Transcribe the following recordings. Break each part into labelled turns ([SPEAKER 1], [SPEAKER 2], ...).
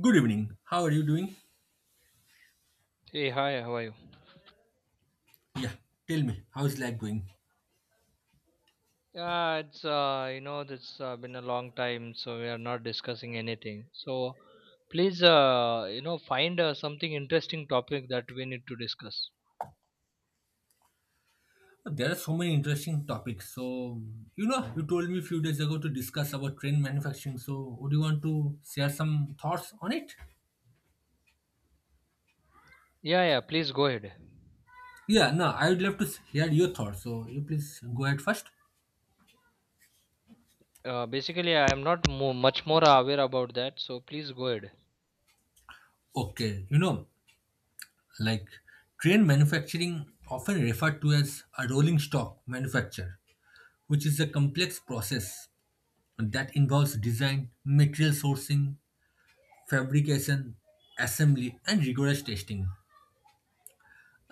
[SPEAKER 1] Good evening. How are you doing?
[SPEAKER 2] Hey, hi, how are you?
[SPEAKER 1] Yeah, tell me, how is life going?
[SPEAKER 2] Yeah, it's been a long time, so we are not discussing anything. So, please, find something interesting topic that we need to discuss.
[SPEAKER 1] There are so many interesting topics. So, you know, you told me a few days ago to discuss about train manufacturing. So, would you want to share some thoughts on it?
[SPEAKER 2] Yeah, yeah, please go ahead.
[SPEAKER 1] Yeah, no, I would love to hear your thoughts. So, you please go ahead first.
[SPEAKER 2] Basically, I am not mo much more aware about that, so please go ahead.
[SPEAKER 1] Okay, you know, like train manufacturing often referred to as a rolling stock manufacture, which is a complex process that involves design, material sourcing, fabrication, assembly, and rigorous testing.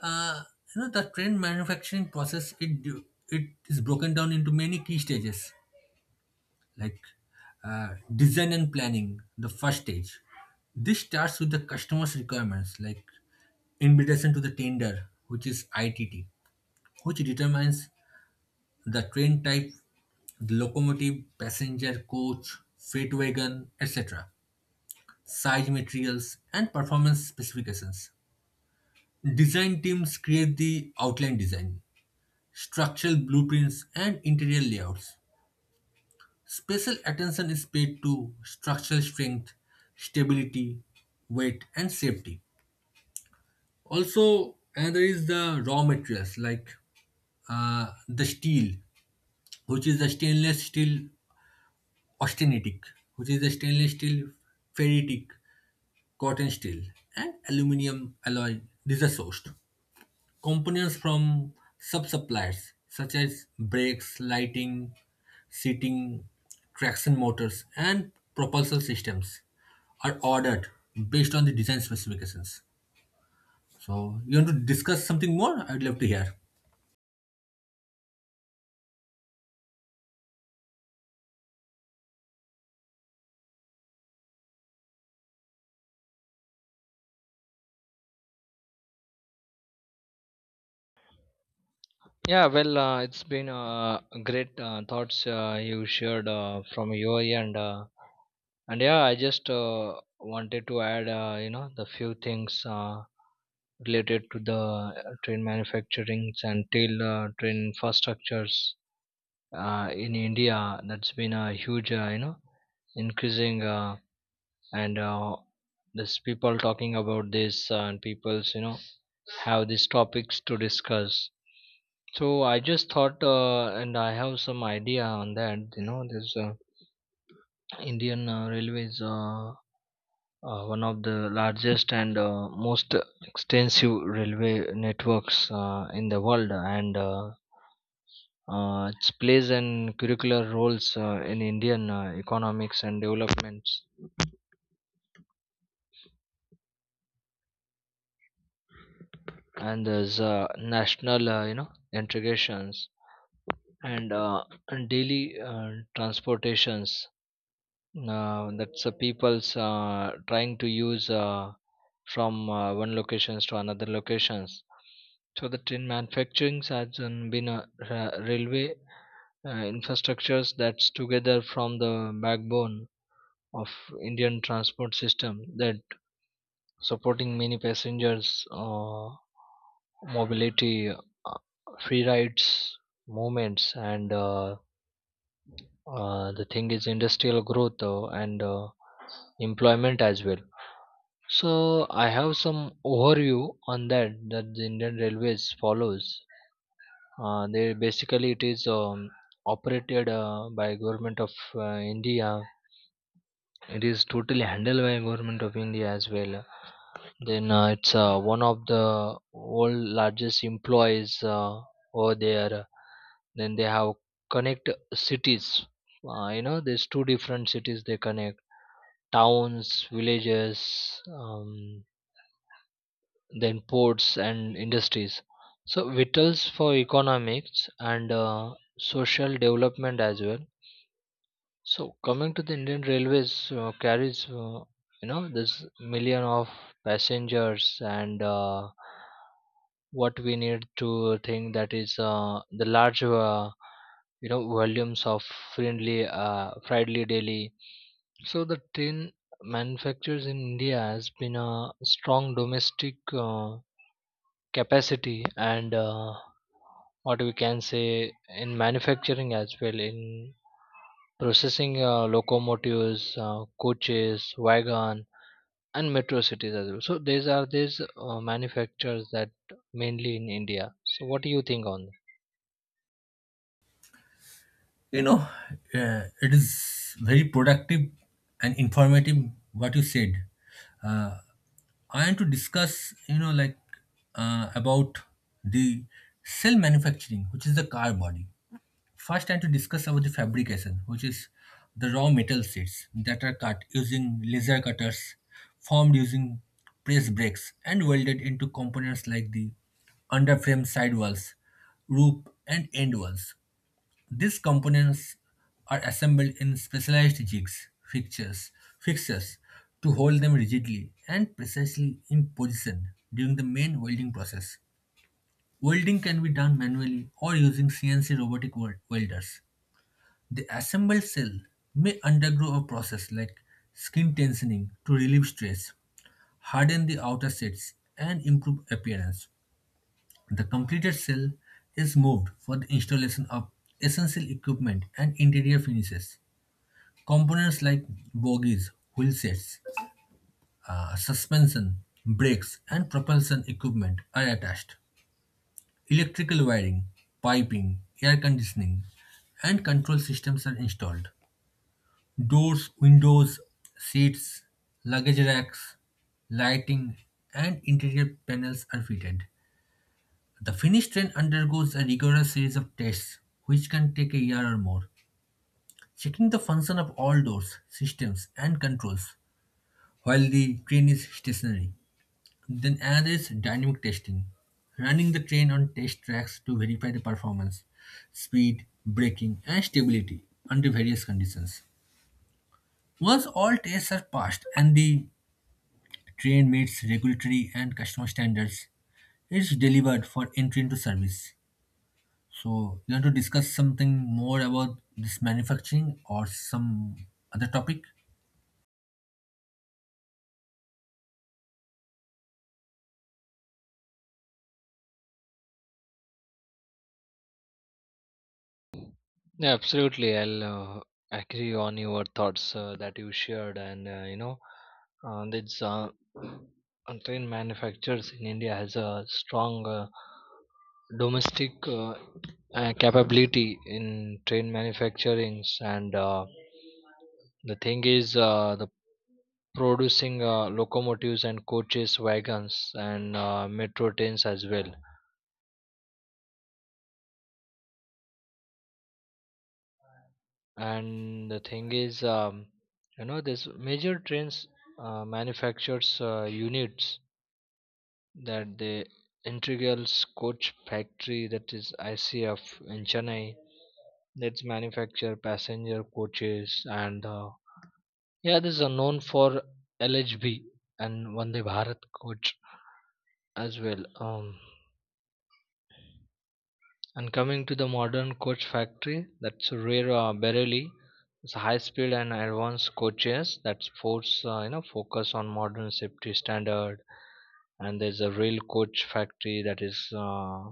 [SPEAKER 1] Uh, you know, the train manufacturing process it is broken down into many key stages, like uh, design and planning, the first stage. This starts with the customer's requirements, like invitation to the tender, which is ITT, which determines the train type, the locomotive, passenger, coach, freight wagon, etc., size materials, and performance specifications. Design teams create the outline design, structural blueprints, and interior layouts. Special attention is paid to structural strength, stability, weight, and safety. Also, another is the raw materials like the steel, which is the stainless steel austenitic, which is the stainless steel ferritic, cotton steel, and aluminum alloy. These are sourced. Components from sub-suppliers such as brakes, lighting, seating, traction motors, and propulsion systems are ordered based on the design specifications. So, you want to discuss something more? I'd love to hear.
[SPEAKER 2] Yeah, well, it's been great thoughts you shared from your end, and yeah, I just wanted to add, the few things. Related to the train manufacturings and till train infrastructures in India. That's been a huge, increasing and there's people talking about this and people's have these topics to discuss. So I just thought, and I have some idea on that. You know, this Indian Railways. One of the largest and most extensive railway networks in the world and it plays an curricular roles in Indian economics and developments and there's national integrations and, uh, and daily transportations that's the people's trying to use from one locations to another locations. So the train manufacturing has been a railway infrastructures that's together from the backbone of Indian transport system that supporting many passengers mobility, free rides, movements, and the thing is industrial growth and employment as well. So I have some overview on that that the Indian Railways follows. They basically it is operated by government of India. It is totally handled by government of India as well. Then it's one of the world largest employees over there. Then they have connect cities. You know, there's two different cities they connect towns, villages. Then ports and industries so vitals for economics and social development as well. So coming to the Indian railways carries this million of passengers and what we need to think that is the large volumes of friendly daily. So the tin manufacturers in India has been a strong domestic capacity and what we can say in manufacturing as well in processing locomotives coaches wagon and metro cities as well. So these are these manufacturers that mainly in India, so what do you think on?
[SPEAKER 1] You know, it is very productive and informative what you said. Uh, I want to discuss, you know, like about the cell manufacturing, which is the car body. First, time to discuss about the fabrication, which is the raw metal sheets that are cut using laser cutters, formed using press brakes, and welded into components like the underframe sidewalls, roof, and end walls. These components are assembled in specialized jigs, fixtures to hold them rigidly and precisely in position during the main welding process. Welding can be done manually or using CNC welders. The assembled cell may undergo a process like skin tensioning to relieve stress, harden the outer sets, and improve appearance. The completed cell is moved for the installation of essential equipment and interior finishes. Components like bogies, wheel sets, suspension, brakes, and propulsion equipment are attached. Electrical wiring, piping, air conditioning, and control systems are installed. Doors, windows, seats, luggage racks, lighting, and interior panels are fitted. The finished train undergoes a rigorous series of tests, which can take a year or more, checking the function of all doors, systems, and controls while the train is stationary. Then another is dynamic testing, running the train on test tracks to verify the performance, speed, braking, and stability under various conditions. Once all tests are passed and the train meets regulatory and customer standards, it's delivered for entry into service. So, you want to discuss something more about this manufacturing or some other topic?
[SPEAKER 2] Yeah, absolutely. I'll agree on your thoughts that you shared, and this train manufacturers in India has a strong domestic capability in train manufacturings, and the thing is, the producing locomotives and coaches, wagons, and metro trains as well. And the thing is this major trains manufactures units that the integrals coach factory that is ICF in Chennai, that's manufacture passenger coaches and yeah, this is a known for LHB and Vande Bharat coach as well. And coming to the modern coach factory, that's rare Berylli. It's high speed and advanced coaches that force focus on modern safety standard. And there's a real coach factory that is uh,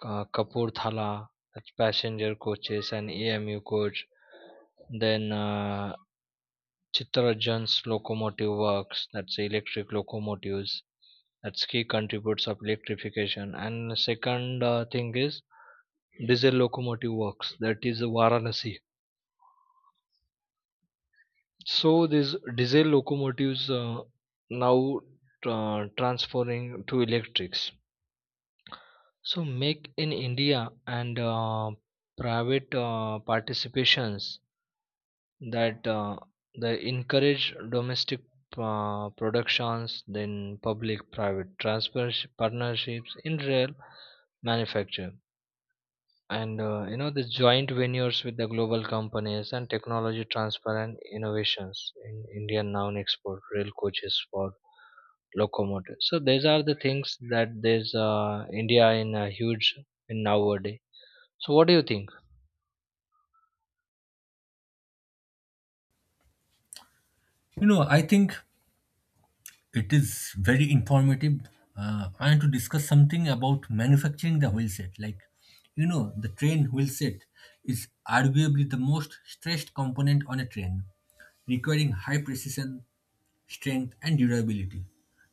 [SPEAKER 2] Ka- Kapoor Thala, that's passenger coaches and AMU coach. Then Chittarajan's locomotive works, that's electric locomotives. That's key contributes of electrification. And second thing is diesel locomotive works that is Varanasi. So these diesel locomotives now transferring to electrics. So make in India and private participations that they encourage domestic productions, then public private transfers partnerships in rail manufacture and the joint ventures with the global companies and technology transfer and innovations in Indian noun export rail coaches for locomotive. So these are the things that there's India in a huge in nowadays. So what do you think?
[SPEAKER 1] You know, I think it is very informative. I want to discuss something about manufacturing the wheel set. Like, you know, the train wheel set is arguably the most stressed component on a train, requiring high precision, strength, and durability.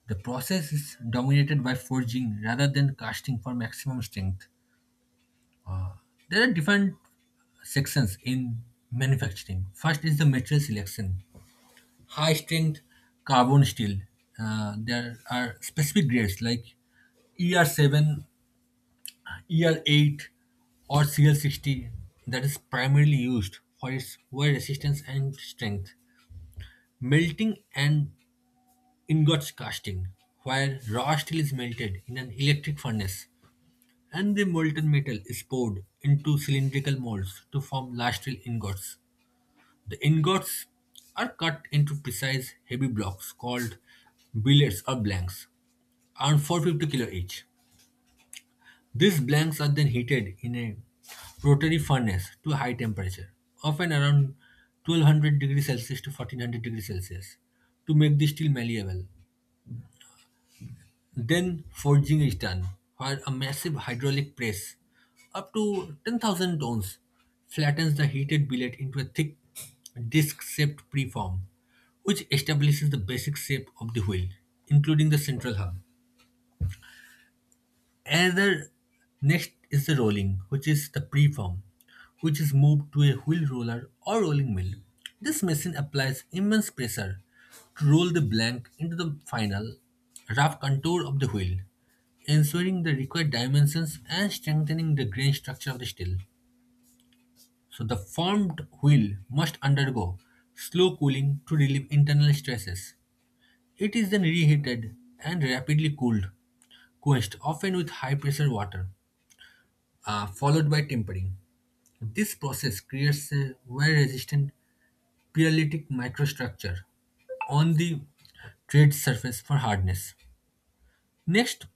[SPEAKER 1] The process is dominated by forging rather than casting for maximum strength. There are different sections in manufacturing. First is the material selection. High strength carbon steel. There are specific grades like ER7, ER8, or CL60 that is primarily used for its wear resistance and strength. Melting and ingots casting, where raw steel is melted in an electric furnace and the molten metal is poured into cylindrical molds to form large steel ingots. The ingots are cut into precise heavy blocks called billets or blanks, around 450 kilo each. These blanks are then heated in a rotary furnace to a high temperature, often around 1200 degrees Celsius to 1400 degrees Celsius, to make the steel malleable. Then forging is done, where a massive hydraulic press, up to 10,000 tons, flattens the heated billet into a thick disc-shaped preform, which establishes the basic shape of the wheel, including the central hub. Another next is the rolling, which is the preform, which is moved to a wheel roller or rolling mill. This machine applies immense pressure to roll the blank into the final rough contour of the wheel, ensuring the required dimensions and strengthening the grain structure of the steel. So the formed wheel must undergo slow cooling to relieve internal stresses. It is then reheated and rapidly cooled, quenched often with high pressure water followed by tempering. This process creates a wear-resistant pyrolytic microstructure on the trade surface for hardness. Next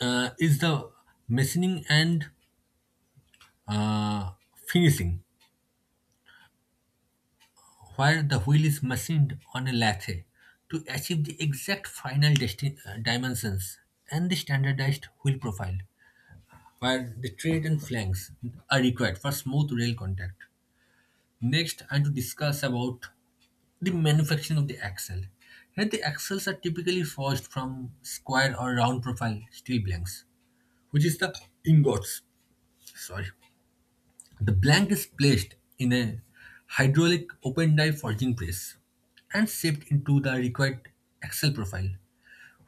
[SPEAKER 1] is the machining and finishing, where the wheel is machined on a lathe to achieve the exact final dimensions and the standardized wheel profile, where the tread and flanks are required for smooth rail contact. Next, I want to discuss about the manufacturing of the axle. Here, the axles are typically forged from square or round profile steel blanks, which is the ingots. Sorry. The blank is placed in a hydraulic open die forging press and shaped into the required axle profile,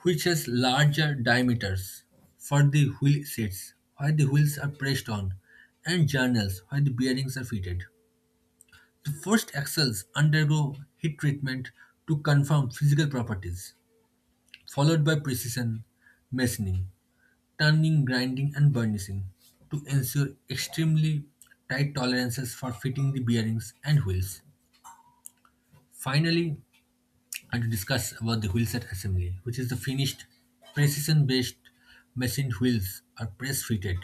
[SPEAKER 1] which has larger diameters for the wheel sets, where the wheels are pressed on, and journals, where the bearings are fitted. The first axles undergo heat treatment to confirm physical properties, followed by precision machining, turning, grinding, and burnishing to ensure extremely tight tolerances for fitting the bearings and wheels. Finally, I want to discuss about the wheelset assembly, which is the finished precision-based machined wheels are press-fitted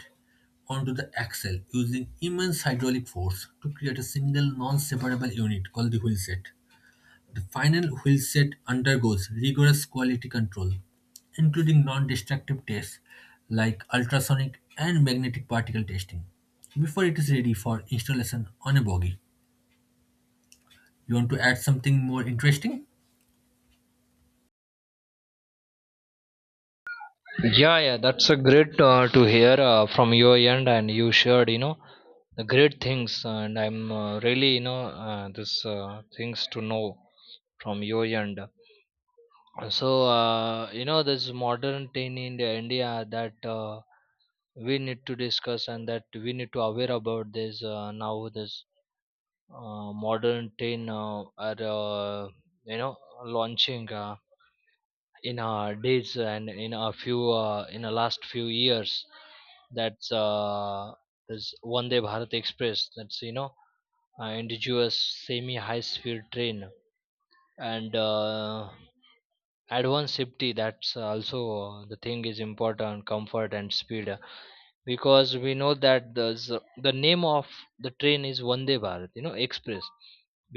[SPEAKER 1] onto the axle using immense hydraulic force to create a single non-separable unit called the wheelset. The final wheelset undergoes rigorous quality control, including non-destructive tests like ultrasonic and magnetic particle testing, before it is ready for installation on a bogey. You want to add something more interesting?
[SPEAKER 2] Yeah, yeah, that's a great to hear from your end, and you shared the great things, and I'm really you know this things to know from your end. So this modern teen in the India that we need to discuss and that we need to aware about this now. This modern teen are uh, you know launching in our days and in a few in the last few years. That's this Vande Bharat Express. That's indigenous semi high speed train and. Advanced safety, that's also the thing is important comfort and speed, because we know that the name of the train is Vande Bharat express,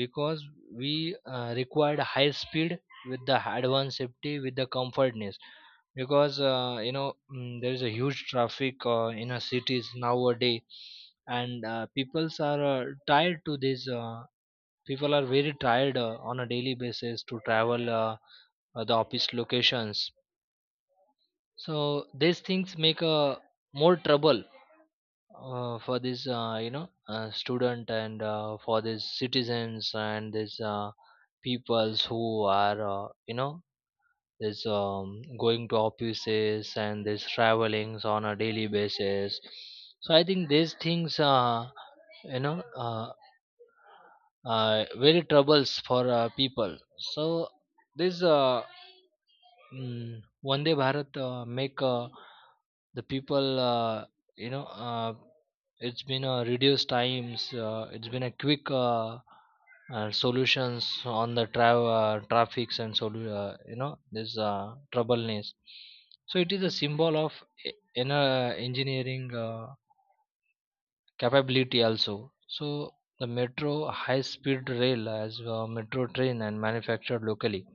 [SPEAKER 2] because we required high speed with the advanced safety with the comfortness, because there is a huge traffic in our cities nowadays and peoples are tired to this people are very tired on a daily basis to travel the office locations. So these things make more trouble for this, student and for these citizens and these peoples who are, this going to offices and this travelings on a daily basis. So I think these things are, you know, uh, very troubles for people. So this. Vande Bharat make the people you know uh, it's been a reduced times, it's been a quick solutions on the traffics and this troubleness. So it is a symbol of inner engineering capability also. So the metro high speed rail as metro train and manufactured locally.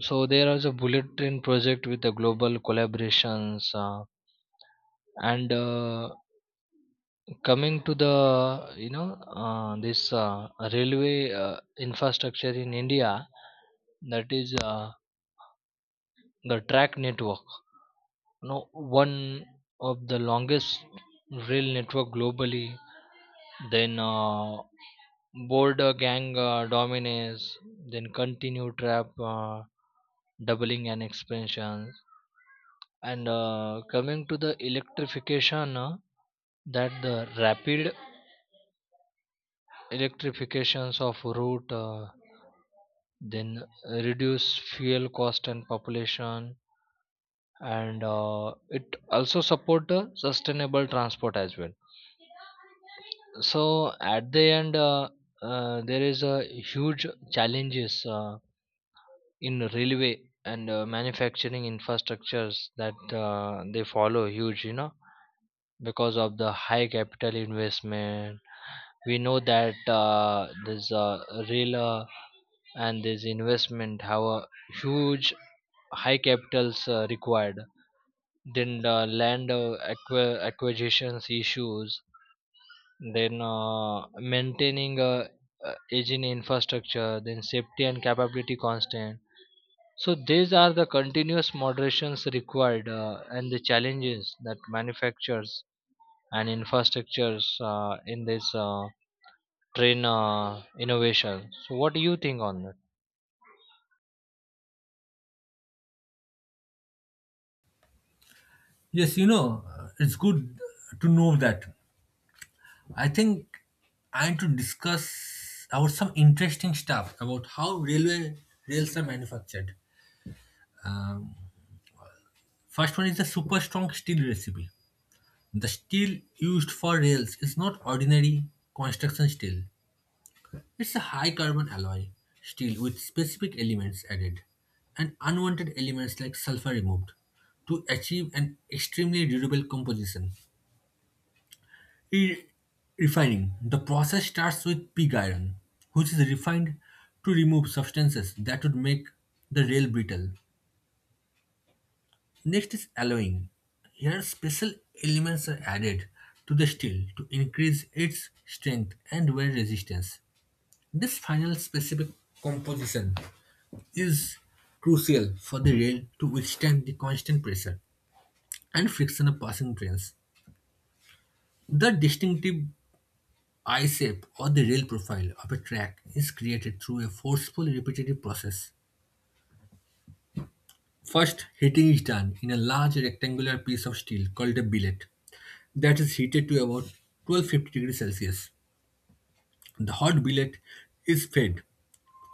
[SPEAKER 2] So there is a bullet train project with the global collaborations and coming to the this railway infrastructure in India, that is the track network. No, one of the longest rail network globally. Then border gang dominates. Then continue trap doubling and expansion. And coming to the electrification, that the rapid electrifications of route, then reduce fuel cost and population, and it also support sustainable transport as well. So at the end, there is a huge challenges in railway and manufacturing infrastructures that they follow huge, because of the high capital investment we know that this real and this investment have a huge high capitals required, then the land acquisitions issues, then maintaining aging infrastructure, then safety and capability constant. So these are the continuous moderations required and the challenges that manufacturers and infrastructures in this train innovation. So, what do you think on that?
[SPEAKER 1] Yes, you know, it's good to know that. I think I need to discuss about some interesting stuff about how railway rails are manufactured. Um, First one is the super strong steel recipe. The steel used for rails is not ordinary construction steel. It's a high carbon alloy steel with specific elements added and unwanted elements like sulfur removed to achieve an extremely durable composition. In refining, the process starts with pig iron, which is refined to remove substances that would make the rail brittle. Next is alloying. Here special elements are added to the steel to increase its strength and wear resistance. This final specific composition is crucial for the rail to withstand the constant pressure and friction of passing trains. The distinctive eye shape or the rail profile of a track is created through a forceful repetitive process. First, heating is done in a large rectangular piece of steel called a billet that is heated to about 1250 degrees Celsius. The hot billet is fed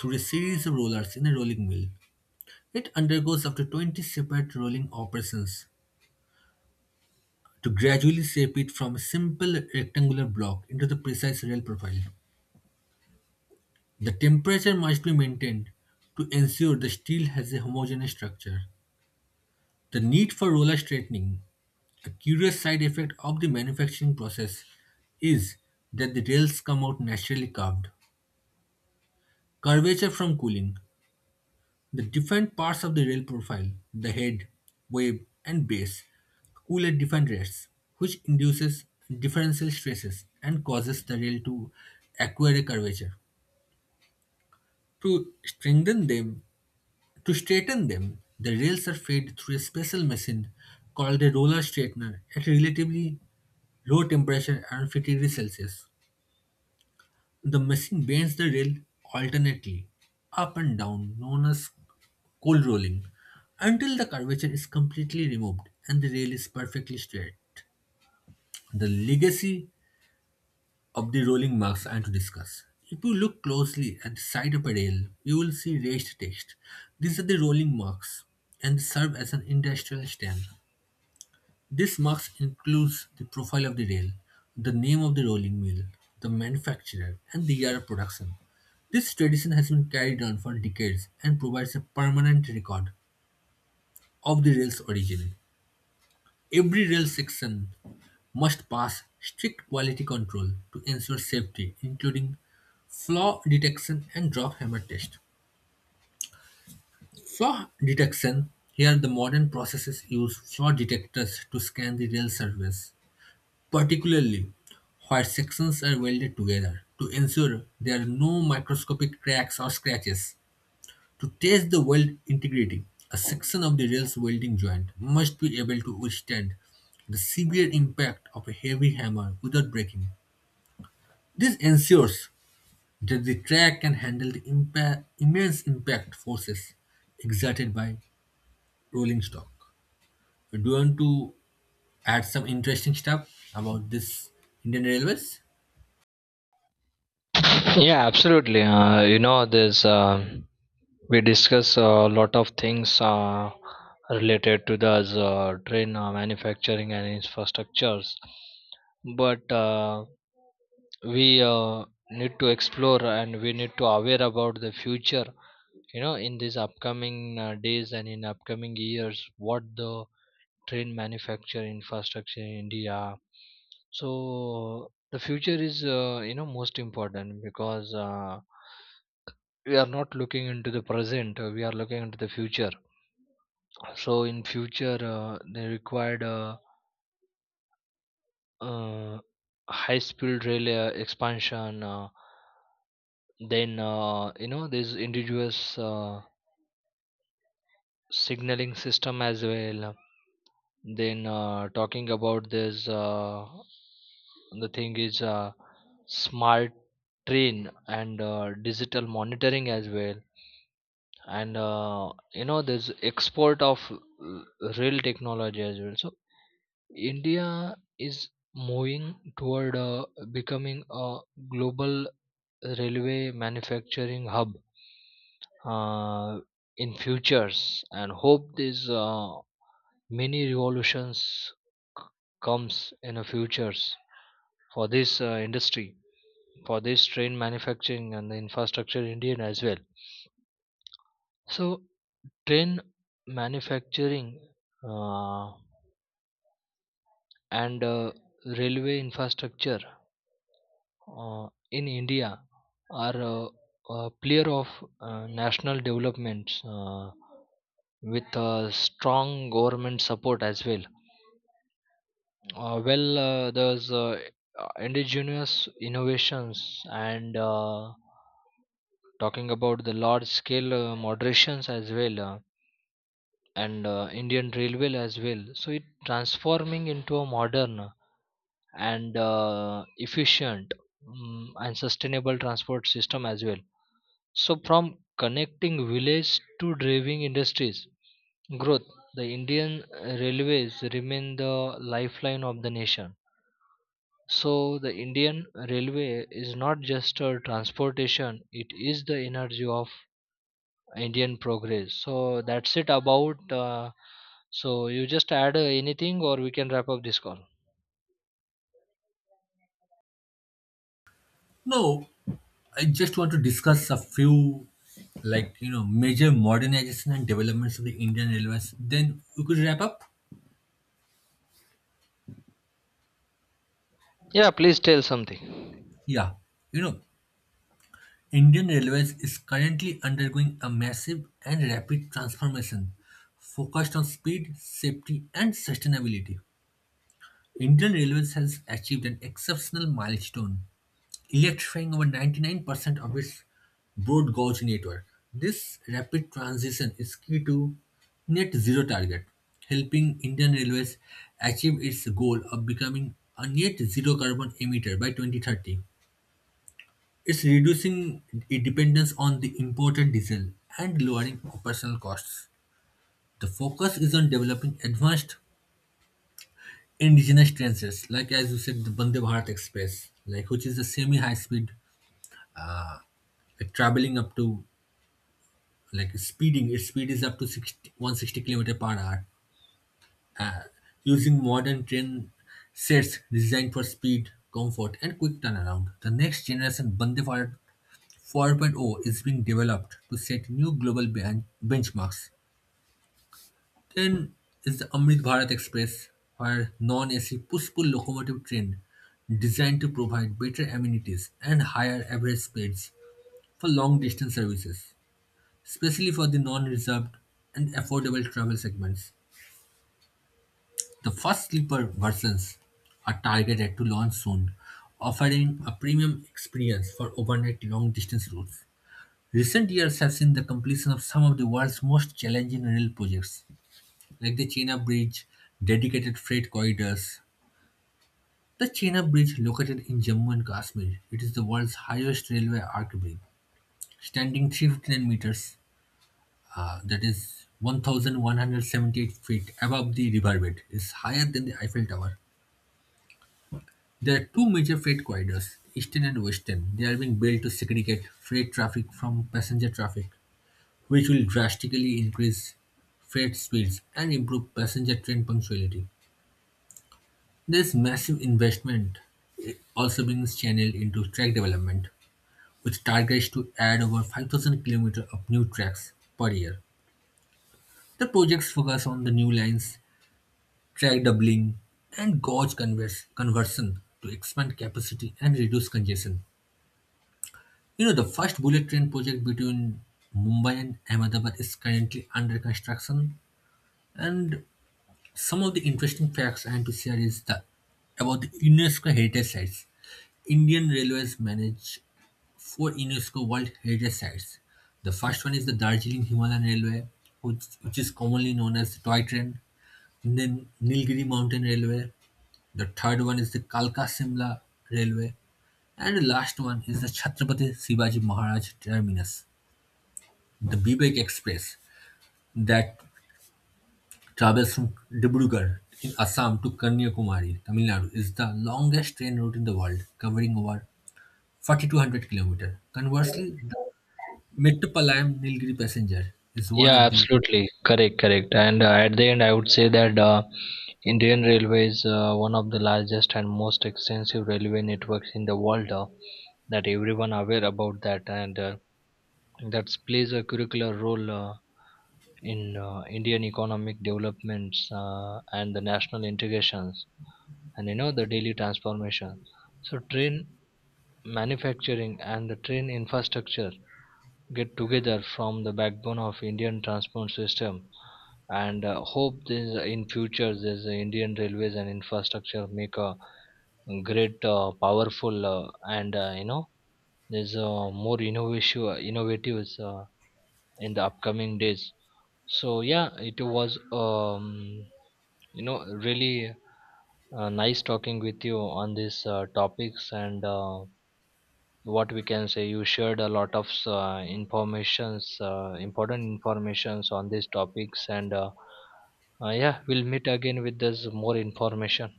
[SPEAKER 1] through a series of rollers in a rolling mill. It undergoes up to 20 separate rolling operations to gradually shape it from a simple rectangular block into the precise rail profile. The temperature must be maintained to ensure the steel has a homogeneous structure. The need for roller straightening, a curious side effect of the manufacturing process, is that the rails come out naturally curved. Curvature from cooling. The different parts of the rail profile, the head, wave, and base, cool at different rates, which induces differential stresses and causes the rail to acquire a curvature. To strengthen them, to straighten them, the rails are fed through a special machine called a roller straightener at a relatively low temperature around 50 degrees Celsius. The machine bends the rail alternately, up and down, known as coal rolling, until the curvature is completely removed and the rail is perfectly straight. The legacy of the rolling marks I am to discuss. If you look closely at the side of a rail, you will see raised text. These are the rolling marks and serve as an industrial stand. This marks includes the profile of the rail, the name of the rolling mill, the manufacturer, and the year of production. This tradition has been carried on for decades and provides a permanent record of the rail's origin. Every rail section must pass strict quality control to ensure safety, including flaw detection and drop hammer test. Flaw detection, here the modern processes use flaw detectors to scan the rail surface, particularly where sections are welded together to ensure there are no microscopic cracks or scratches. To test the weld integrity, a section of the rail's welding joint must be able to withstand the severe impact of a heavy hammer without breaking. This ensures that the track can handle the immense impact forces exerted by rolling stock. Do you want to add some interesting stuff about this Indian Railways?
[SPEAKER 2] Yeah, absolutely. This we discuss a lot of things related to the train manufacturing and infrastructures, but we need to explore and we need to aware about the future. You know, in these upcoming days and in upcoming years, what the train manufacture infrastructure in India. So the future is most important because we are not looking into the present. We are looking into the future. So in future they required uh, high speed rail expansion. Then this indigenous signaling system as well. Then talking about this, the thing is smart train and digital monitoring as well, and this export of rail technology as well. So India is moving toward becoming a global railway manufacturing hub uh, in futures, and hope this. Many revolutions c- comes in the futures for this industry for this train manufacturing and the infrastructure in Indian as well. So train manufacturing uh, and railway infrastructure in India are a player of national developments with strong government support as well. Well, there's indigenous innovations and talking about the large scale moderations as well and Indian railway as well. So it transforming into a modern and efficient and sustainable transport system as well. So from connecting village to driving industries growth, the Indian railways remain the lifeline of the nation. So the Indian railway is not just a transportation; it is the energy of Indian progress. So that's it about. So you just add anything, or we can wrap up this call.
[SPEAKER 1] No, I just want to discuss a few, like, you know, major modernization and developments of the Indian Railways. Then we could wrap up.
[SPEAKER 2] Yeah, please tell something.
[SPEAKER 1] Yeah. You know, Indian Railways is currently undergoing a massive and rapid transformation focused on speed, safety, and sustainability. Indian Railways has achieved an exceptional milestone electrifying over 99% of its broad gauge network. This rapid transition is key to net zero target, helping Indian Railways achieve its goal of becoming a net zero carbon emitter by 2030. It's reducing its dependence on the imported diesel and lowering operational costs. The focus is on developing advanced indigenous trains like as you said, the Bande Bharat Express, like which is a semi-high speed, like traveling up to like speeding its speed is up to sixty one hundred sixty 160 kilometer per hour, using modern train sets designed for speed comfort and quick turnaround. The next generation Vande Bharat 4.0 is being developed to set new global benchmarks. Then is the Amrit Bharat Express, where non-AC push-pull locomotive train designed to provide better amenities and higher average speeds for long distance services, especially for the non-reserved and affordable travel segments. The first sleeper versions are targeted to launch soon, offering a premium experience for overnight long distance routes. Recent years have seen the completion of some of the world's most challenging rail projects, like the China Bridge, dedicated freight corridors. The China Bridge, located in Jammu and Kashmir, it is the world's highest railway arch bridge, standing 359 meters, that is 1178 feet above the riverbed, is higher than the Eiffel Tower. There are two major freight corridors, Eastern and Western. They are being built to segregate freight traffic from passenger traffic, which will drastically increase freight speeds and improve passenger train punctuality. There is massive investment also being channeled into track development, with targets to add over 5,000 km of new tracks per year. The projects focus on the new lines, track doubling, and gauge conversion to expand capacity and reduce congestion. You know, the first bullet train project between Mumbai and Ahmedabad is currently under construction. And some of the interesting facts I have to share is the about the UNESCO heritage sites. Indian Railways manage four UNESCO World Heritage Sites. The first one is the Darjeeling Himalayan Railway, which is commonly known as the Toy Train, and then Nilgiri Mountain Railway. The third one is the Kalka Simla Railway, and the last one is the Chhatrapati Shivaji Maharaj Terminus. The Vivek Express that travels from Dibrugarh in Assam to Kanyakumari, Tamil Nadu, is the longest train route in the world, covering over 4,200 kilometers. Conversely, the Metupalayam Nilgiri passenger is one
[SPEAKER 2] Yeah,
[SPEAKER 1] of the.
[SPEAKER 2] absolutely correct, correct. And at the end, I would say that Indian Railway is one of the largest and most extensive railway networks in the world. That everyone aware about that, and that plays a curricular role. In Indian economic developments and the national integrations and you know the daily transformation. So train manufacturing and the train infrastructure get together from the backbone of Indian transport system and hope this in future this Indian railways and infrastructure make a great powerful and you know there's more innovation innovatives in the upcoming days. So yeah, it was you know, really nice talking with you on these topics and what we can say. You shared a lot of informations, important informations on these topics, and yeah, we'll meet again with this more information.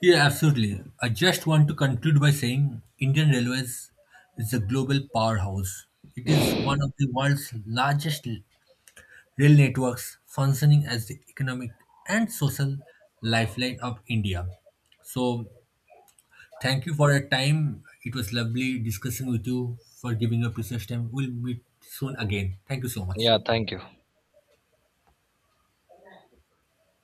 [SPEAKER 1] Yeah, absolutely. I just want to conclude by saying Indian Railways is a global powerhouse. It is one of the world's largest rail networks, functioning as the economic and social lifeline of India. So, thank you for your time. It was lovely discussing with you for giving up research time. We'll meet soon again. Thank you so much.
[SPEAKER 2] Yeah, thank you.